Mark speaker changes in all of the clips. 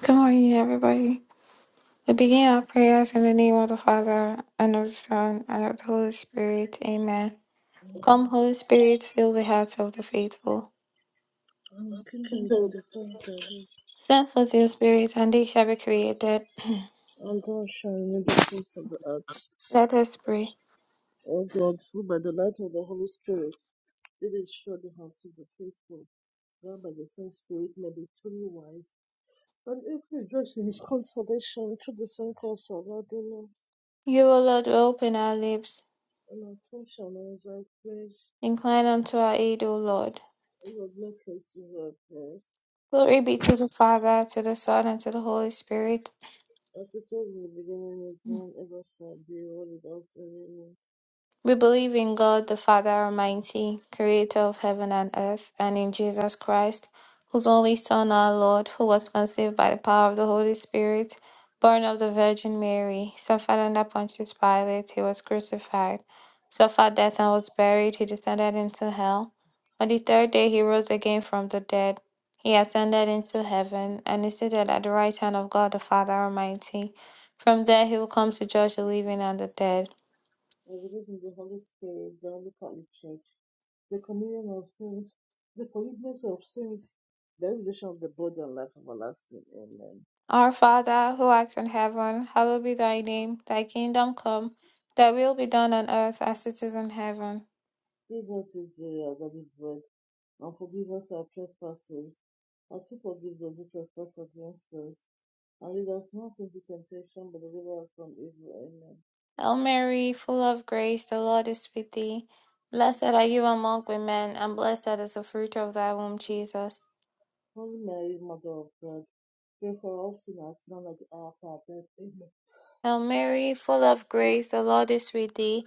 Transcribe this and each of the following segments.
Speaker 1: Good morning, everybody. We begin our prayers in the name of the Father, and of the Son, and of the Holy Spirit. Amen. Come, Holy Spirit, fill the hearts of the faithful.
Speaker 2: I'm kindled in the fire of thy love,
Speaker 1: Send forth your Spirit, and they shall be created.
Speaker 2: and thou in the face of the earth.
Speaker 1: Let us pray.
Speaker 2: O God, who by the light of the Holy Spirit did ensure the house of the faithful, God by the same Spirit may be truly wise, and if we rejoice in his consolation through the same cross of our Redeemer,
Speaker 1: You, O Lord, will open our lips.
Speaker 2: and our tongue shall announce thy praise.
Speaker 1: Incline unto our aid, O Lord.
Speaker 2: O Lord, make us to our prayers,
Speaker 1: Glory be to the Father, to the Son, and to the Holy Spirit.
Speaker 2: as it was in the beginning, is now, and ever shall be, world without any end.
Speaker 1: We believe in God the Father Almighty, creator of heaven and earth, and in Jesus Christ, whose only Son, our Lord, who was conceived by the power of the Holy Spirit, born of the Virgin Mary, suffered under Pontius Pilate, he was crucified, suffered death and was buried, he descended into hell. On the third day he rose again from the dead. He ascended into heaven and is seated at the right hand of God the Father Almighty. From there he will come to judge the living and the dead.
Speaker 2: and believe in the Holy Spirit, the only Catholic Church, the communion of sins, the forgiveness of sins, the resurrection of the body and life everlasting. Amen.
Speaker 1: Our Father, who art in heaven, hallowed be thy name. Thy kingdom come, thy will be done on earth as it is in heaven.
Speaker 2: Give us this day our daily bread, and forgive us our trespasses, as we forgive those who trespass against us. And lead us not into temptation, but deliver us from evil. Amen.
Speaker 1: Hail Mary, full of grace, the Lord is with thee. Blessed are you among women, and blessed is the fruit of thy womb, Jesus.
Speaker 2: Holy Mary, Mother of God, pray for us sinners, now and at the hour of our death. Amen.
Speaker 1: Hail Mary, full of grace, the Lord is with thee.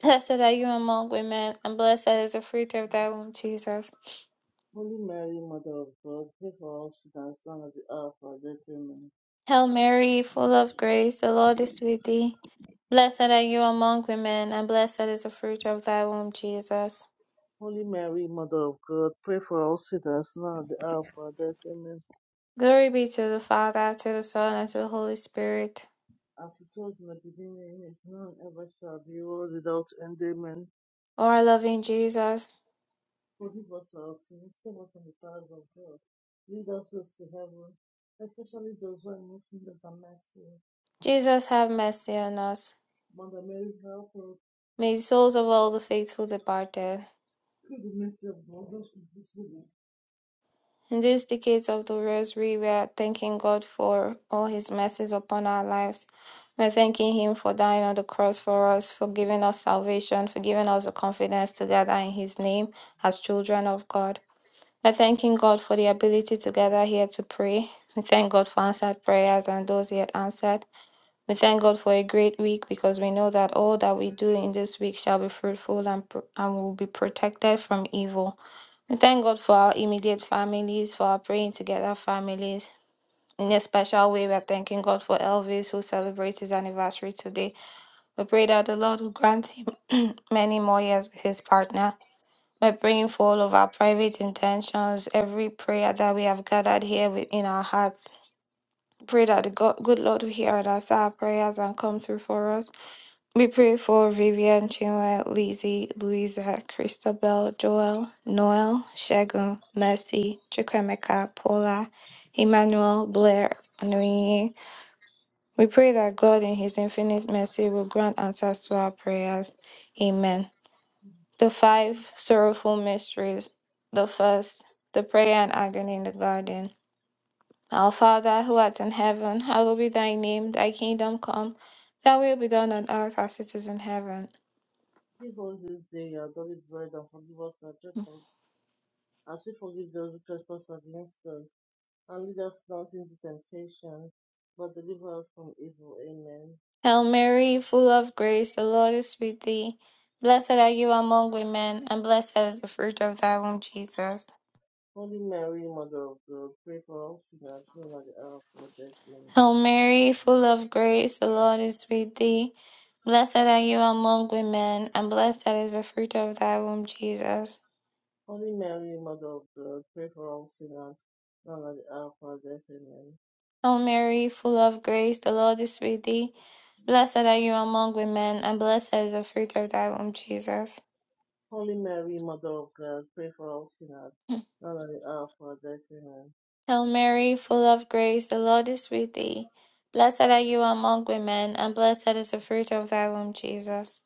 Speaker 1: Blessed are you among women, and blessed is the fruit of thy womb, Jesus.
Speaker 2: Holy Mary, Mother of God, pray for us sinners now at the hour of our death. Amen.
Speaker 1: Hail Mary, full of grace, the Lord is with thee. Blessed are you among women, and blessed is the fruit of thy womb, Jesus.
Speaker 2: Holy Mary, Mother of God, pray for us sinners now at the hour of our death. Amen.
Speaker 1: Glory be to the Father, to the Son, and to the Holy Spirit.
Speaker 2: As it was in the beginning, is now, and ever shall be, world without end. Amen.
Speaker 1: O our loving Jesus,
Speaker 2: Forgive us our sins, save us from the powers of God. Lead us those to heaven, especially those who are in most need of the mercy.
Speaker 1: Jesus, have mercy on us.
Speaker 2: Mother Mary, help us
Speaker 1: May the souls of all the faithful departed.
Speaker 2: through the mercy of God, those in this world.
Speaker 1: In these decades of the Rosary, we are thanking God for all His mercies upon our lives. We're thanking Him for dying on the cross for us, for giving us salvation, for giving us the confidence to gather in His name as children of God. We're thanking God for the ability to gather here to pray. We thank God for answered prayers and those He had answered. We thank God for a great week because we know that all that we do in this week shall be fruitful and, and will be protected from evil. We thank God for our immediate families, for our praying together families. In a special way, we are thanking God for Elvis, who celebrates his anniversary today. We pray that the Lord will grant him many more years with his partner. We're praying for all of our private intentions, every prayer that we have gathered here within our hearts. Pray that the God, good Lord will hear and answer our prayers and come through for us. We pray for Vivian Chinwe, Lizzie, Louisa, Christabel, Joel, Noel, Shagun, Mercy, Chukwemeka, Paula, Emmanuel, Blair, and Onye. We pray that God in His infinite mercy will grant answers to our prayers. Amen. The five sorrowful mysteries. The first, the prayer and agony in the garden. Our Father who art in heaven, hallowed be thy name, thy kingdom come, thy will be done on earth as it is in heaven.
Speaker 2: Give us this day our daily bread and forgive us our trespasses as we forgive those who trespass against us, and lead us not into temptation, but deliver us from evil. Amen.
Speaker 1: Hail Mary, full of grace, the Lord is with thee. Blessed are you among women, and blessed is the fruit of thy womb, Jesus.
Speaker 2: Holy Mary, Mother of God, pray for all sinners, now and at the hour of our death. Amen.
Speaker 1: Hail Mary, full of grace, the Lord is with thee. Blessed are you among women, and blessed is the fruit of thy womb, Jesus.
Speaker 2: Holy Mary, Mother of God, pray for all sinners, now and at the hour of our death. Amen.
Speaker 1: Hail Mary, full of grace, the Lord is with thee. Blessed are you among women, and blessed is the fruit of thy womb, Jesus.
Speaker 2: Holy Mary, Mother of God, pray for all sinners, now and at the hour of our death. Amen.
Speaker 1: Hail Mary, full of grace, the Lord is with thee. Blessed are you among women, and blessed is the fruit of thy womb, Jesus.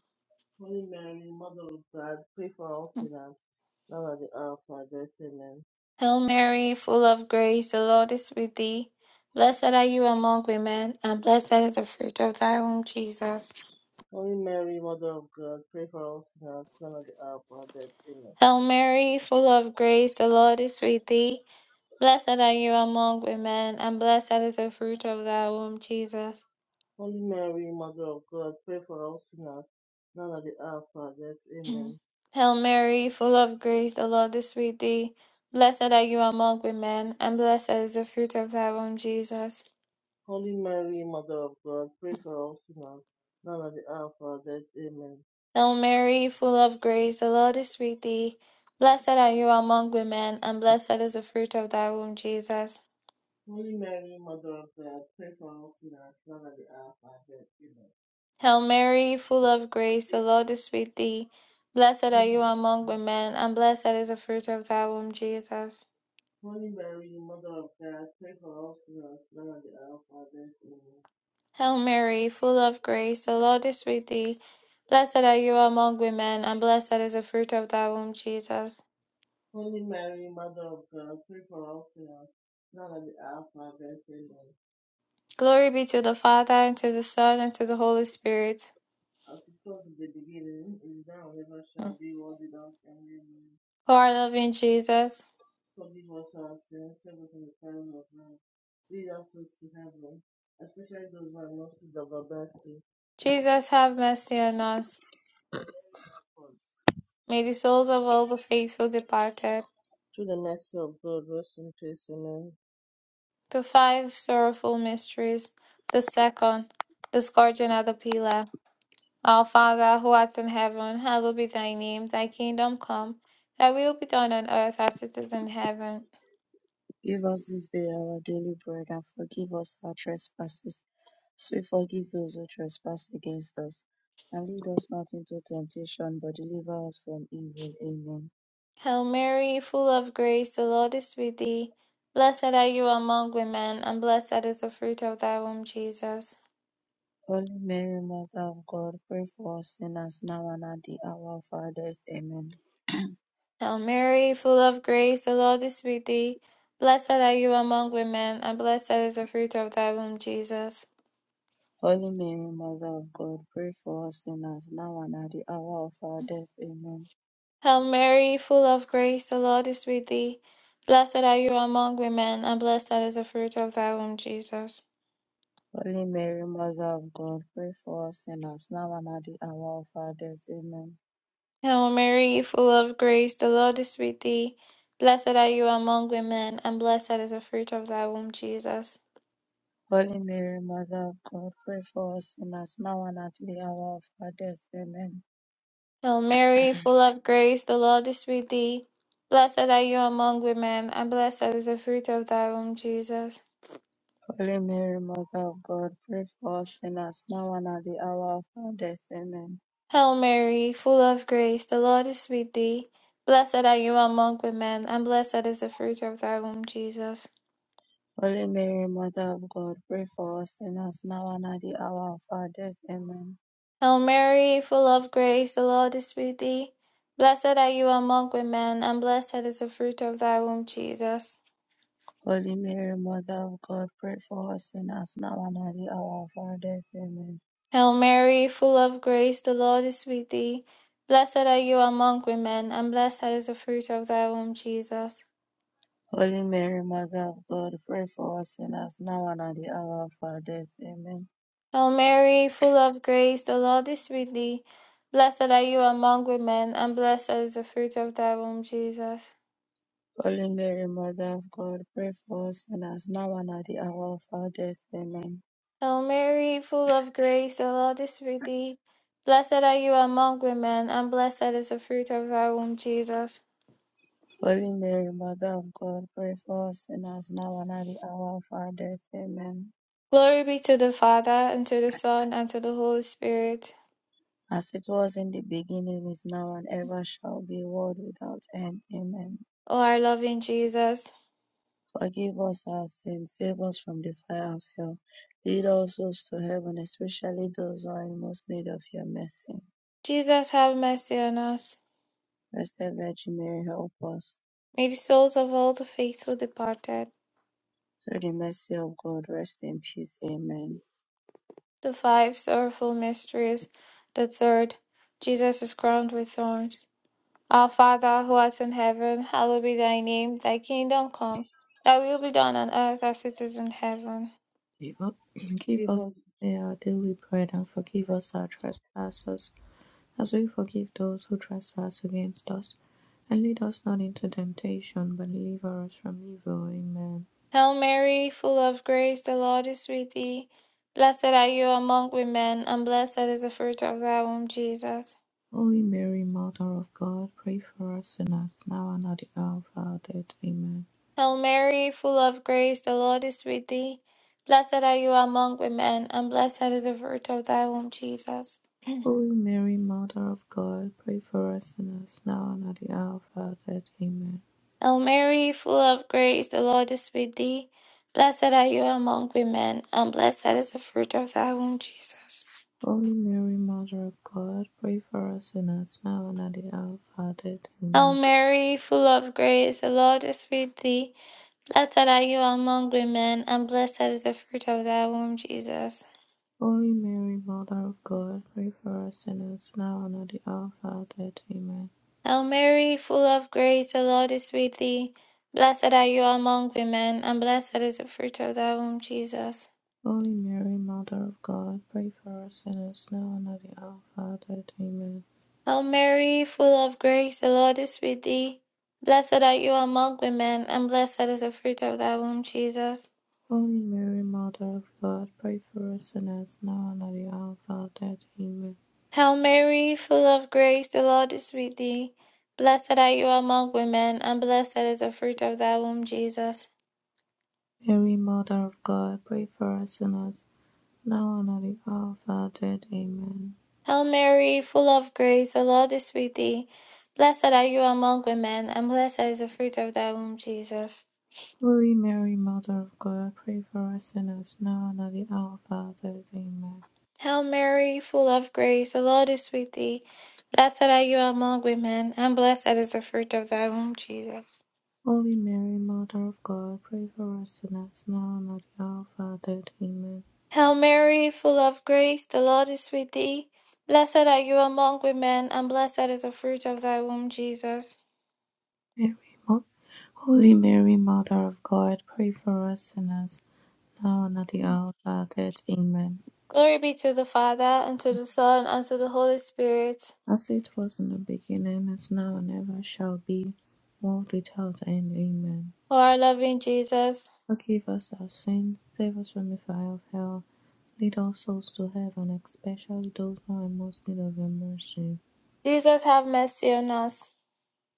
Speaker 2: Holy Mary, Mother of God, pray for all sinners, now and at the hour of our death. Amen.
Speaker 1: Hail Mary, full of grace, the Lord is with thee. Blessed are you among women, and blessed is the fruit of thy womb, Jesus.
Speaker 2: Holy Mary, Mother of God, pray for us sinners, now and at the hour of our death. Amen.
Speaker 1: Hail Mary, full of grace, the Lord is with thee. Blessed are you among women, and blessed is the fruit of thy womb, Jesus.
Speaker 2: Holy Mary, Mother of God, pray for us sinners, now and at the hour of our death. Amen.
Speaker 1: Hail Mary, full of grace, the Lord is with thee. Blessed are you among women, and blessed is the fruit of thy womb, Jesus.
Speaker 2: Holy Mary, Mother of God, pray for us sinners, now and at the hour of our death. Amen.
Speaker 1: Hail Mary, full of grace, the Lord is with thee. Blessed are you among women, and blessed is the fruit of thy womb, Jesus.
Speaker 2: Holy Mary, Mother of God, pray for us sinners, now and at the hour of our death. Amen.
Speaker 1: Hail Mary, full of grace, the Lord is with thee. Blessed are you among women, and blessed is the fruit of thy womb, Jesus.
Speaker 2: Holy Mary, Mother of God, pray for us sinners, now and at the hour of our death. Amen.
Speaker 1: Hail Mary, full of grace, the Lord is with thee. Blessed are you among women, and blessed is the fruit of thy womb, Jesus.
Speaker 2: Holy Mary, Mother of God, pray for us sinners, now and at the hour of our death. Amen.
Speaker 1: Glory be to the Father, and to the Son, and to the Holy Spirit.
Speaker 2: As it was in the beginning, is now, and ever shall
Speaker 1: Mm.
Speaker 2: be, world without end. Amen.
Speaker 1: O our loving Jesus,
Speaker 2: Forgive us our sins, save us from the time of man. Lead us to heaven, especially those who are not in the mercy.
Speaker 1: Jesus, have mercy on us. May the souls of all the faithful departed,
Speaker 2: Through the mercy of God, rest in peace. Amen.
Speaker 1: the five sorrowful mysteries, the second, the scourging at the pillar. Our Father, who art in heaven, hallowed be thy name. Thy kingdom come, thy will be done on earth as it is in heaven.
Speaker 3: Give us this day our daily bread and forgive us our trespasses, as we forgive those who trespass against us. And lead us not into temptation, but deliver us from evil. Amen.
Speaker 1: Hail Mary, full of grace, the Lord is with thee. Blessed are you among women, and blessed is the fruit of thy womb, Jesus.
Speaker 3: Holy Mary, Mother of God, pray for us sinners now and at the hour of our death. Amen.
Speaker 1: Hail Mary, full of grace, the Lord is with thee. Blessed are you among women, and blessed is the fruit of thy womb, Jesus.
Speaker 3: Holy Mary, Mother of God, pray for us sinners now and at the hour of our death. Amen.
Speaker 1: Hail Mary, full of grace, the Lord is with thee. Blessed are you among women, and blessed is the fruit of thy womb, Jesus.
Speaker 3: Holy Mary, Mother of God, pray for us sinners now and at the hour of our death. Amen.
Speaker 1: Hail Mary, full of grace, the Lord is with thee. Blessed are you among women, and blessed is the fruit of thy womb, Jesus.
Speaker 3: Holy Mary, Mother of God, pray for us sinners, now and at the hour of our death. Amen.
Speaker 1: Hail Mary, full of grace, the Lord is with thee. Blessed are you among women, and blessed is the fruit of thy womb, Jesus.
Speaker 3: Holy Mary, Mother of God, pray for us sinners, now and at the hour of our death. Amen.
Speaker 1: Hail Mary, full of grace, the Lord is with thee. Blessed are you among women, and blessed is the fruit of thy womb, Jesus.
Speaker 3: Holy Mary, Mother of God, pray for us sinners, now and at the hour of our death. Amen.
Speaker 1: Hail Mary, full of grace, the Lord is with thee. Blessed are you among women, and blessed is the fruit of thy womb, Jesus.
Speaker 3: Holy Mary, Mother of God, pray for us sinners, now and at the hour of our death. Amen.
Speaker 1: Hail Mary, full of grace, the Lord is with thee. Blessed are you among women, and blessed is the fruit of thy womb, Jesus.
Speaker 3: Holy Mary, Mother of God, pray for us sinners, now and at the hour of our death. Amen.
Speaker 1: Hail Mary, full of grace, the Lord is with thee. Blessed are you among women, and blessed is the fruit of thy womb, Jesus.
Speaker 3: Holy Mary, Mother of God, pray for us sinners now and at the hour of our death. Amen.
Speaker 1: Hail Mary, full of grace, the Lord is with thee. Blessed are you among women, and blessed is the fruit of thy womb, Jesus.
Speaker 3: Holy Mary, Mother of God, pray for us sinners now and at the hour of our death. Amen.
Speaker 1: Glory be to the Father, and to the Son, and to the Holy Spirit.
Speaker 3: As it was in the beginning, is now, and ever shall be, world without end. Amen.
Speaker 1: O our loving Jesus.
Speaker 3: Forgive us our sins, save us from the fire of hell. Lead all souls to heaven, especially those who are in most need of your mercy.
Speaker 1: Jesus, have mercy on us.
Speaker 3: Blessed Virgin Mary, help us.
Speaker 1: May the souls of all the faithful departed,
Speaker 3: Through the mercy of God, rest in peace. Amen.
Speaker 1: the five sorrowful mysteries, the third, Jesus is crowned with thorns. Our Father who art in heaven, hallowed be thy name. Thy kingdom come. Thy will be done on earth as it is in heaven.
Speaker 4: Give up- Give
Speaker 2: Give
Speaker 4: us
Speaker 2: us
Speaker 4: today our daily bread, and forgive us our trespasses, as we forgive those who trespass against us. And lead us not into temptation, but deliver us from evil. Amen.
Speaker 1: Hail Mary, full of grace, the Lord is with thee. Blessed are you among women, and blessed is the fruit of thy womb, Jesus.
Speaker 4: Holy Mary, Mother of God, pray for us sinners, now and at the hour of our death. Amen.
Speaker 1: Hail Mary, full of grace, the Lord is with thee. Blessed are you among women, and blessed is the fruit of thy womb, Jesus.
Speaker 4: Holy Mary, Mother of God, pray for us sinners, now and at the hour of our death. Amen.
Speaker 1: Hail Mary, full of grace, the Lord is with thee. Blessed are you among women, and blessed is the fruit of thy womb, Jesus.
Speaker 4: Holy Mary, Mother of God, pray for us sinners, now and at the hour of our death. Amen.
Speaker 1: Hail Mary, full of grace, the Lord is with thee. Blessed are you among women, and blessed is the fruit of thy womb, Jesus.
Speaker 4: Holy Mary, Mother of God, pray for us sinners now and at the hour of our death. Amen.
Speaker 1: Hail Mary, full of grace, the Lord is with thee. Blessed are you among women, and blessed is the fruit of thy womb, Jesus.
Speaker 4: Holy Mary, Mother of God, pray for us sinners now and at the hour of our death. Amen.
Speaker 1: Hail Mary, full of grace, the Lord is with thee. Blessed art you among women, and blessed is the fruit of thy womb, Jesus.
Speaker 4: Holy Mary, Mother of God, pray for us sinners now and at the hour of our death. Amen.
Speaker 1: Hail Mary, full of grace, the Lord is with thee. Blessed art you among women, and blessed is the fruit of thy womb, Jesus.
Speaker 4: Mary, Mother of God, pray for us sinners now and at the hour of our death. Amen.
Speaker 1: Hail Mary, full of grace, the Lord is with thee. Blessed are you among women, and blessed is the fruit of thy womb, Jesus.
Speaker 4: Holy Mary, Mother of God, pray for us sinners now and at the hour of our death. Amen.
Speaker 1: Hail Mary, full of grace, the Lord is with thee. Blessed are you among women, and blessed is the fruit of thy womb, Jesus.
Speaker 4: Holy Mary, Mother of God, pray for us sinners now and at the hour of our death. Amen.
Speaker 1: Hail Mary, full of grace, the Lord is with thee. Blessed are you among women, and blessed is the fruit of thy womb, Jesus.
Speaker 4: Mary, Mo- Holy Mary, Mother of God, pray for us sinners now and at the hour of our death. Amen.
Speaker 1: Glory be to the Father, and to the Son, and to the Holy Spirit,
Speaker 4: As it was in the beginning, is now and ever shall be, world without end. Amen.
Speaker 1: who are loving Jesus.
Speaker 4: Forgive us our sins, save us from the fire of hell, lead all souls to heaven, especially those who are most in need of your mercy.
Speaker 1: Jesus, have mercy on us.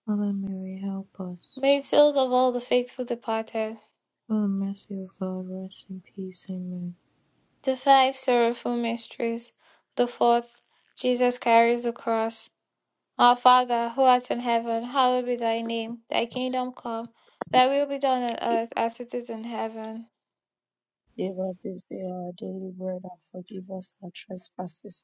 Speaker 4: Mother Mary, help us.
Speaker 1: May the souls of all the faithful departed.
Speaker 4: O mercy of God, rest in peace. Amen.
Speaker 1: The five sorrowful mysteries. The fourth, Jesus carries the cross. Our Father, who art in heaven, hallowed be thy name. Thy kingdom come, thy will be done on earth as it is in heaven.
Speaker 3: Give us this day our daily bread and forgive us our trespasses,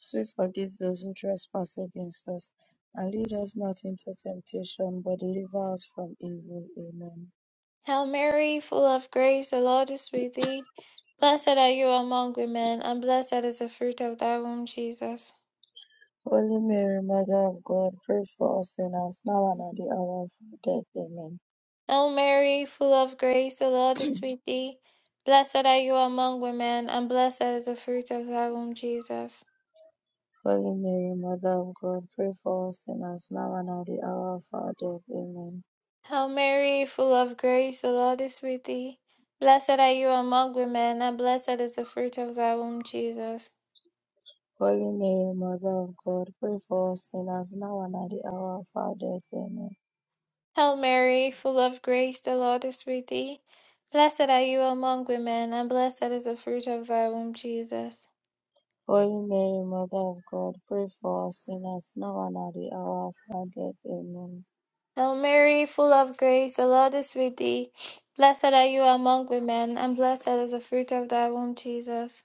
Speaker 3: as we forgive those who trespass against us. And lead us not into temptation, but deliver us from evil. Amen.
Speaker 1: Hail Mary, full of grace, the Lord is with thee. Blessed are you among women, and blessed is the fruit of thy womb, Jesus.
Speaker 3: Holy Mary, Mother of God, pray for us sinners, now and at the hour of our death. Amen.
Speaker 1: Hail Mary, full of grace, the Lord is with thee. Blessed are you among women, and blessed is the fruit of thy womb, Jesus.
Speaker 3: Holy Mary, Mother of God, pray for us sinners now and at the hour of our death. Amen.
Speaker 1: Hail Mary, full of grace, the Lord is with thee. Blessed are you among women, and blessed is the fruit of thy womb, Jesus.
Speaker 3: Holy Mary, Mother of God, pray for us sinners now and at the hour of our death. Amen.
Speaker 1: Hail Mary, full of grace, the Lord is with thee. Blessed are you among women, and blessed is the fruit of thy womb, Jesus.
Speaker 3: Holy Mary, Mother of God, pray for us sinners now and at the hour of our death. Amen.
Speaker 1: Hail Mary, full of grace, the Lord is with thee. Blessed are you among women, and blessed is the fruit of thy womb, Jesus.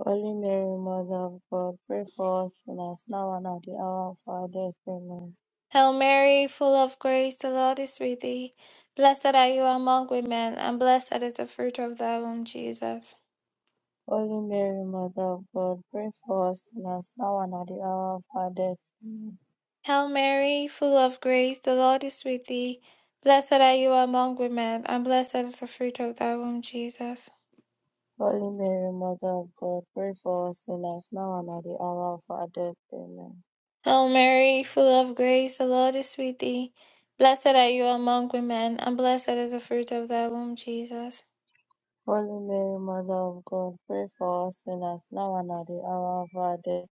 Speaker 3: Holy Mary, Mother of God, pray for us sinners now and at the hour of our death. Amen.
Speaker 1: Hail Mary, full of grace, the Lord is with thee. Blessed are you among women, and blessed is the fruit of thy womb, Jesus.
Speaker 3: Holy Mary, Mother of God, pray for us sinners now and at the hour of our death. Amen.
Speaker 1: Hail Mary, full of grace, the Lord is with thee. Blessed are you among women, and blessed is the fruit of thy womb, Jesus.
Speaker 3: Holy Mary, Mother of God, pray for us sinners now and at the hour of our death. Amen.
Speaker 1: Hail Mary, full of grace, the Lord is with thee. Blessed are you among women, and blessed is the fruit of thy womb, Jesus.
Speaker 3: Holy Mary, Mother of God, pray for us sinners now and at the hour of our death.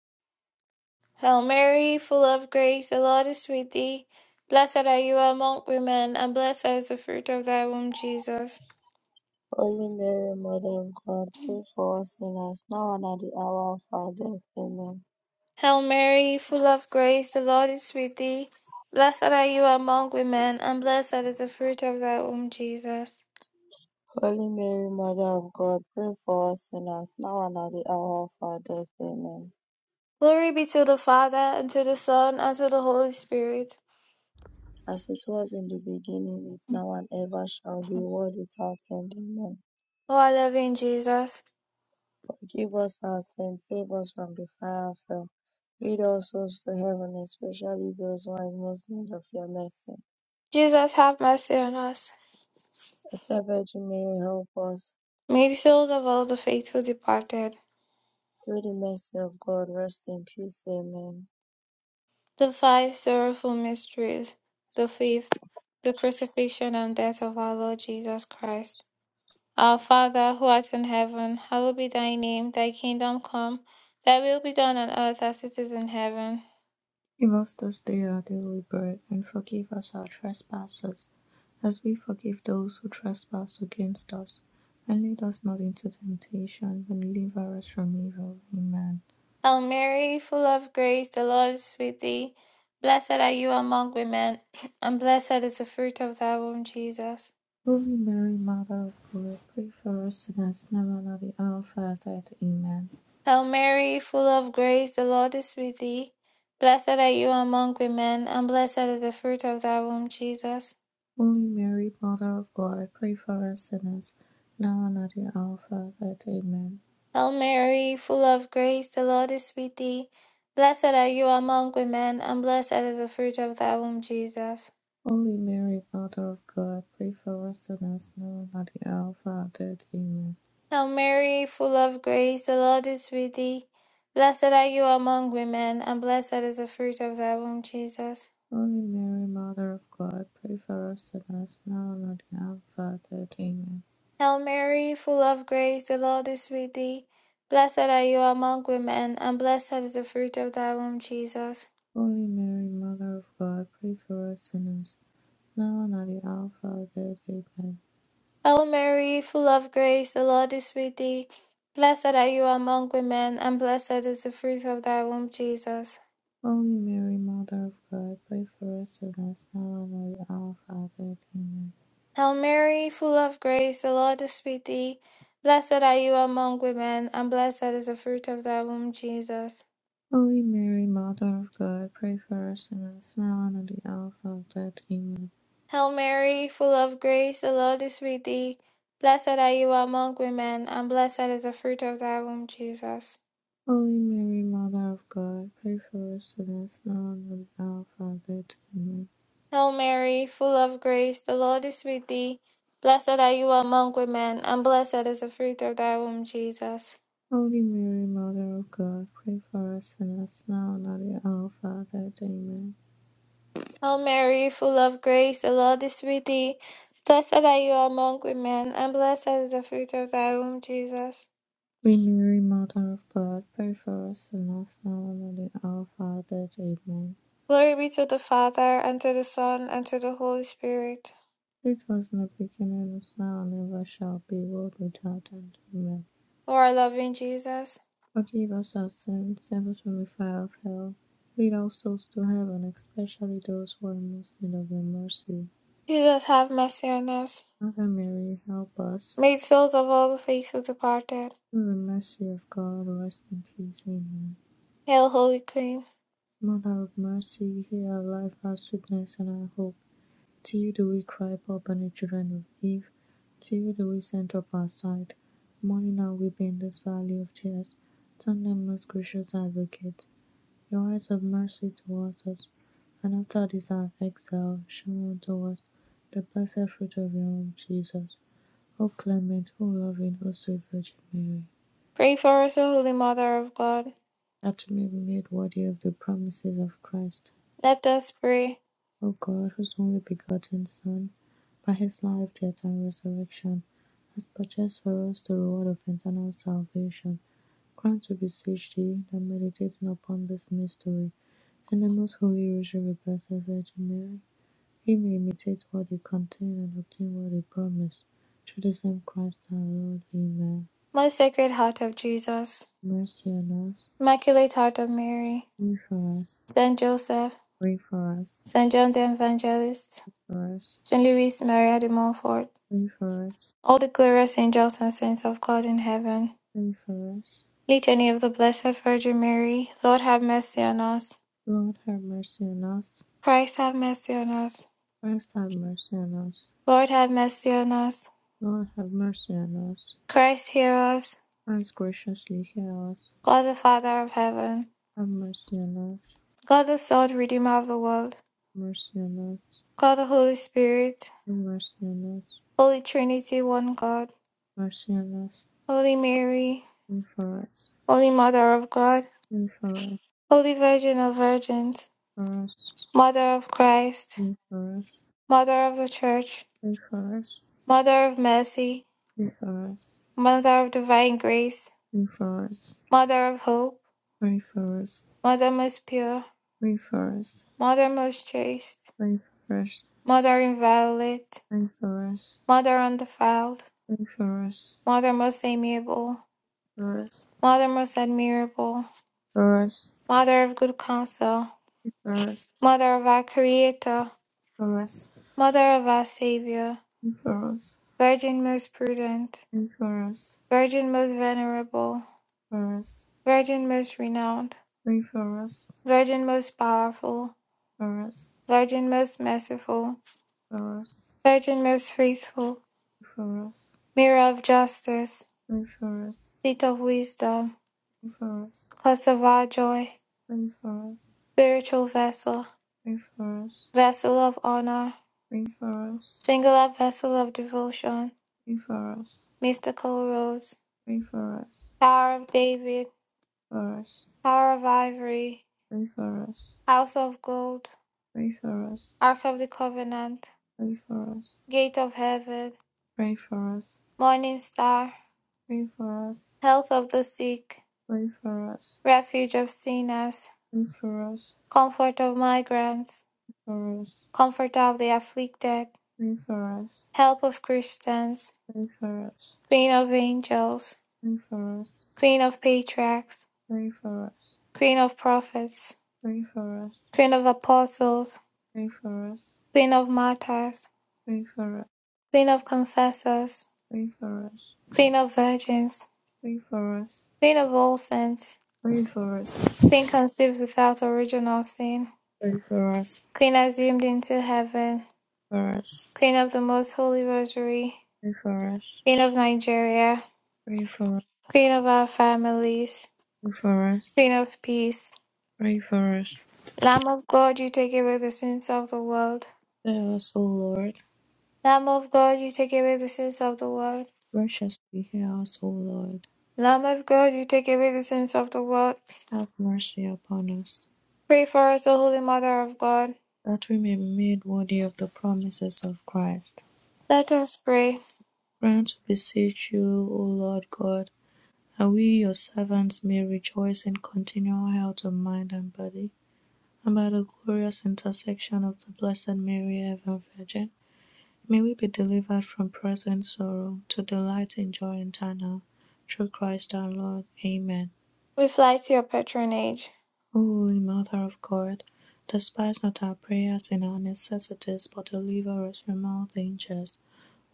Speaker 1: Hail Mary, full of grace, the Lord is with thee. Blessed are you among women, and blessed is the fruit of thy womb, Jesus.
Speaker 3: Holy Mary, Mother of God, pray for us sinners now and at the hour of our death. Amen.
Speaker 1: Hail Mary, full of grace, the Lord is with thee. Blessed are you among women, and blessed is the fruit of thy womb, Jesus.
Speaker 3: Holy Mary, Mother of God, pray for us sinners now and at the hour of our death. Amen.
Speaker 1: Glory be to the Father, and to the Son, and to the Holy Spirit.
Speaker 3: As it was in the beginning, is now and ever shall be, world without end. Amen.
Speaker 1: O our loving Jesus.
Speaker 3: Forgive us our sins, save us from the fire of hell. Lead all souls to heaven, especially those who are in most need of your mercy.
Speaker 1: Jesus, have mercy on us.
Speaker 3: Blessed Virgin Mary, help us.
Speaker 1: May the souls of all the faithful departed.
Speaker 3: Through the mercy of God, rest in peace. Amen.
Speaker 1: The five sorrowful mysteries, the fifth, the crucifixion and death of our Lord Jesus Christ. Our Father, who art in heaven, hallowed be thy name, thy kingdom come, thy will be done on earth as it is in heaven.
Speaker 4: Give us this day our daily bread, and forgive us our trespasses, as we forgive those who trespass against us. And lead us not into temptation, but deliver us from evil. Amen.
Speaker 1: Hail Mary, full of grace, the Lord is with thee. Blessed are you among women, and blessed is the fruit of thy womb, Jesus.
Speaker 4: Holy Mary, Mother of God, pray for us sinners, now and at the hour of our death. Amen.
Speaker 1: Hail Mary, full of grace, the Lord is with thee. Blessed are you among women, and blessed is the fruit of thy womb, Jesus.
Speaker 4: Holy Mary, Mother of God, pray for us sinners, now and at the hour of our death. Amen.
Speaker 1: Hail Mary, full of grace, the Lord is with thee. Blessed are you among women, and blessed is the fruit of thy womb, Jesus.
Speaker 4: Holy Mary, Mother of God, pray for us sinners now and at the hour of our death. Amen.
Speaker 1: Hail Mary, full of grace, the Lord is with thee. Blessed are you among women, and blessed is the fruit of thy womb, Jesus.
Speaker 4: Holy Mary, Mother of God, pray for us sinners now and at the hour of our death. Amen.
Speaker 1: Hail Mary, full of grace, the Lord is with thee. Blessed are you among women, and blessed is the fruit of thy womb, Jesus.
Speaker 4: Holy Mary, Mother of God, pray for us sinners now and at the hour of our death. Amen.
Speaker 1: Hail Mary, full of grace, the Lord is with thee. Blessed are you among women, and blessed is the fruit of thy womb, Jesus.
Speaker 4: Holy Mary, Mother of God, pray for us sinners now and at the hour of our death. Amen.
Speaker 1: Hail Mary, full of grace, the Lord is with thee. Blessed are you among women, and blessed is the fruit of thy womb, Jesus.
Speaker 4: Holy Mary, Mother of God, pray for us sinners now and at the hour of our death. Amen.
Speaker 1: Hail Mary, full of grace, the Lord is with thee. Blessed are you among women, and blessed is the fruit of thy womb, Jesus.
Speaker 4: Holy Mary, Mother of God, pray for us sinners now and at the hour of our death. Amen.
Speaker 1: Hail Mary, full of grace, the Lord is with thee. Blessed are you among women, and blessed is the fruit of thy womb, Jesus.
Speaker 4: Holy Mary, Mother of God, pray for us sinners now and at the hour of our death. Amen.
Speaker 1: Hail Mary, full of grace, the Lord is with thee. Blessed are you among women, and blessed is the fruit of thy womb, Jesus.
Speaker 4: Holy Mary, Mother of God, pray for us sinners now and at the hour of our death. Amen.
Speaker 1: Glory be to the Father, and to the Son, and to the Holy Spirit.
Speaker 4: It was in the beginning, is now, and ever shall be, world without end. Amen.
Speaker 1: O our loving Jesus.
Speaker 4: Forgive us our sins, save us from the fire of hell. Lead all souls to heaven, especially those who are most in need of your mercy.
Speaker 1: Jesus, have mercy on us.
Speaker 4: Mother Mary, help us.
Speaker 1: Made souls of all the faithful departed.
Speaker 4: Through the mercy of God, rest in peace. Amen.
Speaker 1: Hail, Holy Queen.
Speaker 4: Mother of mercy, hear our life, our sweetness, and our hope. To you do we cry, poor banished children of Eve. To you do we send up our sight, mourning and weeping in this valley of tears. Turn them, most gracious advocate, your eyes of mercy towards us, and after this our exile, show unto us the blessed fruit of your womb, Jesus. O clement, O loving, O sweet Virgin Mary.
Speaker 1: Pray for us, O Holy Mother of God.
Speaker 4: that we may be made worthy of the promises of Christ.
Speaker 1: Let us pray.
Speaker 4: O God, whose only begotten Son, by his life, death, and resurrection, has purchased for us the reward of eternal salvation, grant, we beseech thee, that meditating upon this mystery, and the most holy rosary of Blessed Virgin Mary, we may imitate what they contain and obtain what they promise. Through the same Christ our Lord. Amen.
Speaker 1: Most Sacred Heart of Jesus,
Speaker 4: Mercy on us.
Speaker 1: Immaculate Heart of Mary,
Speaker 4: Pray for us.
Speaker 1: Saint Joseph,
Speaker 4: Pray for us.
Speaker 1: Saint John the Evangelist,
Speaker 4: For us.
Speaker 1: Saint Louis Maria de Montfort,
Speaker 4: Pray for us.
Speaker 1: all the glorious angels and saints of God in heaven,
Speaker 4: and us,
Speaker 1: Litany of the Blessed Virgin Mary, Lord have mercy on us,
Speaker 4: Lord have mercy on us.
Speaker 1: Christ have mercy on us,
Speaker 4: Christ have mercy on us.
Speaker 1: Lord have mercy on us,
Speaker 4: Lord have mercy on us.
Speaker 1: Christ hear us,
Speaker 4: Christ graciously hear us.
Speaker 1: God the Father of heaven,
Speaker 4: Have mercy on us.
Speaker 1: God the Son, Redeemer of the world,
Speaker 4: Mercy on us.
Speaker 1: God the Holy Spirit,
Speaker 4: Have mercy on us.
Speaker 1: Holy Trinity, one God,
Speaker 4: Mercy on us.
Speaker 1: Holy Mary,
Speaker 4: Pray for us.
Speaker 1: Holy Mother of God,
Speaker 4: Pray for us.
Speaker 1: Holy Virgin of Virgins,
Speaker 4: For us.
Speaker 1: Mother of Christ,
Speaker 4: Pray for us.
Speaker 1: Mother of the Church,
Speaker 4: Pray for us.
Speaker 1: Mother of Mercy,
Speaker 4: Pray for us.
Speaker 1: Mother of Divine Grace,
Speaker 4: Pray for us.
Speaker 1: Mother of Hope,
Speaker 4: Pray
Speaker 1: Mother most pure,
Speaker 4: for us.
Speaker 1: Mother most chaste,
Speaker 4: Pray for us.
Speaker 1: Mother inviolate,
Speaker 4: Pray for us.
Speaker 1: Mother undefiled,
Speaker 4: Pray for us. Pray for us.
Speaker 1: Mother most amiable,
Speaker 4: For us.
Speaker 1: Mother most admirable,
Speaker 4: For us.
Speaker 1: Mother of good counsel,
Speaker 4: For us.
Speaker 1: Mother of our Creator,
Speaker 4: Ferrous,
Speaker 1: Mother of our Saviour,
Speaker 4: ferrous,
Speaker 1: Virgin most prudent,
Speaker 4: ferrous,
Speaker 1: Virgin most venerable,
Speaker 4: ferrous,
Speaker 1: Virgin most renowned,
Speaker 4: ferrous,
Speaker 1: Virgin most powerful,
Speaker 4: ferrous,
Speaker 1: Virgin most merciful,
Speaker 4: ferrous,
Speaker 1: Virgin most faithful,
Speaker 4: ferrous,
Speaker 1: Mirror of justice,
Speaker 4: ferrous, ferrous,
Speaker 1: Seat of wisdom,
Speaker 4: ferrous,
Speaker 1: Cause of our joy,
Speaker 4: ferrous, ferrous, ferrous, ferrous,
Speaker 1: Spiritual vessel,
Speaker 4: ferrous,
Speaker 1: Vessel of honor,
Speaker 4: ferrous, ferrous,
Speaker 1: Singular vessel of devotion,
Speaker 4: ferrous,
Speaker 1: Mystical rose,
Speaker 4: ferrous, ferrous, ferrous, ferrous, ferrous, ferrous, ferrous,
Speaker 1: Tower of David, Tower of ivory, House of gold, Ark of the covenant, Gate of heaven, Morning star, Health of the sick, Refuge of sinners Comfort of migrants, comfort of the afflicted, help of Christians, Queen of angels, Queen of patriarchs,
Speaker 4: ferrous, ferrous, ferrous,
Speaker 1: Queen of prophets,
Speaker 4: Pray for us.
Speaker 1: Queen of apostles,
Speaker 4: Pray for us.
Speaker 1: Queen of martyrs,
Speaker 4: Pray for us.
Speaker 1: Queen of confessors,
Speaker 4: Pray for us.
Speaker 1: Queen of virgins,
Speaker 4: Pray for us.
Speaker 1: Queen of all saints,
Speaker 4: Pray for us.
Speaker 1: Queen conceived without original sin,
Speaker 4: Pray for us.
Speaker 1: Queen assumed into heaven,
Speaker 4: For us.
Speaker 1: Queen of the Most Holy Rosary,
Speaker 4: Pray for us.
Speaker 1: Queen of Nigeria,
Speaker 4: Pray for us.
Speaker 1: Queen of our families,
Speaker 4: Pray for us.
Speaker 1: Queen of peace.
Speaker 4: Pray for us.
Speaker 1: Lamb of God, you take away the sins of the world.
Speaker 4: Hear us, O Lord.
Speaker 1: Lamb of God, you take away the sins of the world.
Speaker 4: Graciously hear us, O Lord.
Speaker 1: Lamb of God, you take away the sins of the world.
Speaker 4: Have mercy upon us,
Speaker 1: Pray for us, O Holy Mother of God.
Speaker 4: that we may be made worthy of the promises of Christ.
Speaker 1: Let us pray.
Speaker 4: Grant, we beseech you, O Lord God, that we, your servants, may rejoice in continual health of mind and body About the glorious intersection of the Blessed Mary, Ever Virgin, may we be delivered from present sorrow to delight in joy eternal. Through Christ our Lord. Amen.
Speaker 1: We fly to your patronage.
Speaker 4: O Holy Mother of God, despise not our prayers in our necessities, but deliver us from all dangers.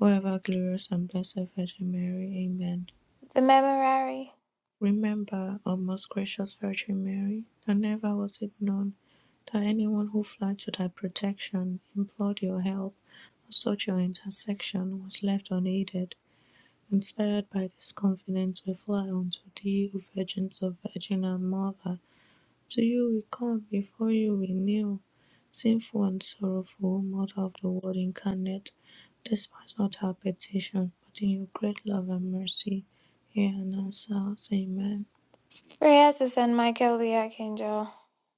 Speaker 4: O ever glorious and blessed Virgin Mary. Amen.
Speaker 1: The Memorare.
Speaker 4: Remember, O most gracious Virgin Mary, that never was it known that anyone who fled to thy protection implored your help Such an intersection was left unaided, inspired by this confidence we fly unto thee, O Virgin of Virgin and Mother. To you we come, before you we kneel, sinful and sorrowful, Mother of the Word incarnate. Despise not our petition, but in your great love and mercy, hear and answer us. Amen.
Speaker 1: Prayer to Saint Michael the Archangel.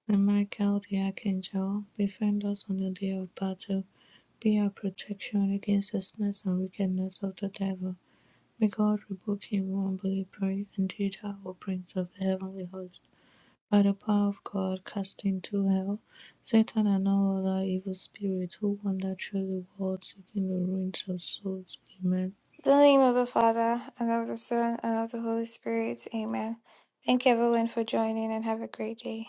Speaker 4: Saint Michael the Archangel, defend us on the day of battle. Be our protection against the snares and wickedness of the devil. May God rebuke him who unbelieving pray, and Peter, O prince of the heavenly host, by the power of God cast into hell Satan and all other evil spirits who wander through the world seeking the ruins of souls. Amen.
Speaker 1: In the name of the Father, and of the Son, and of the Holy Spirit. Amen. Thank you everyone for joining and have a great day.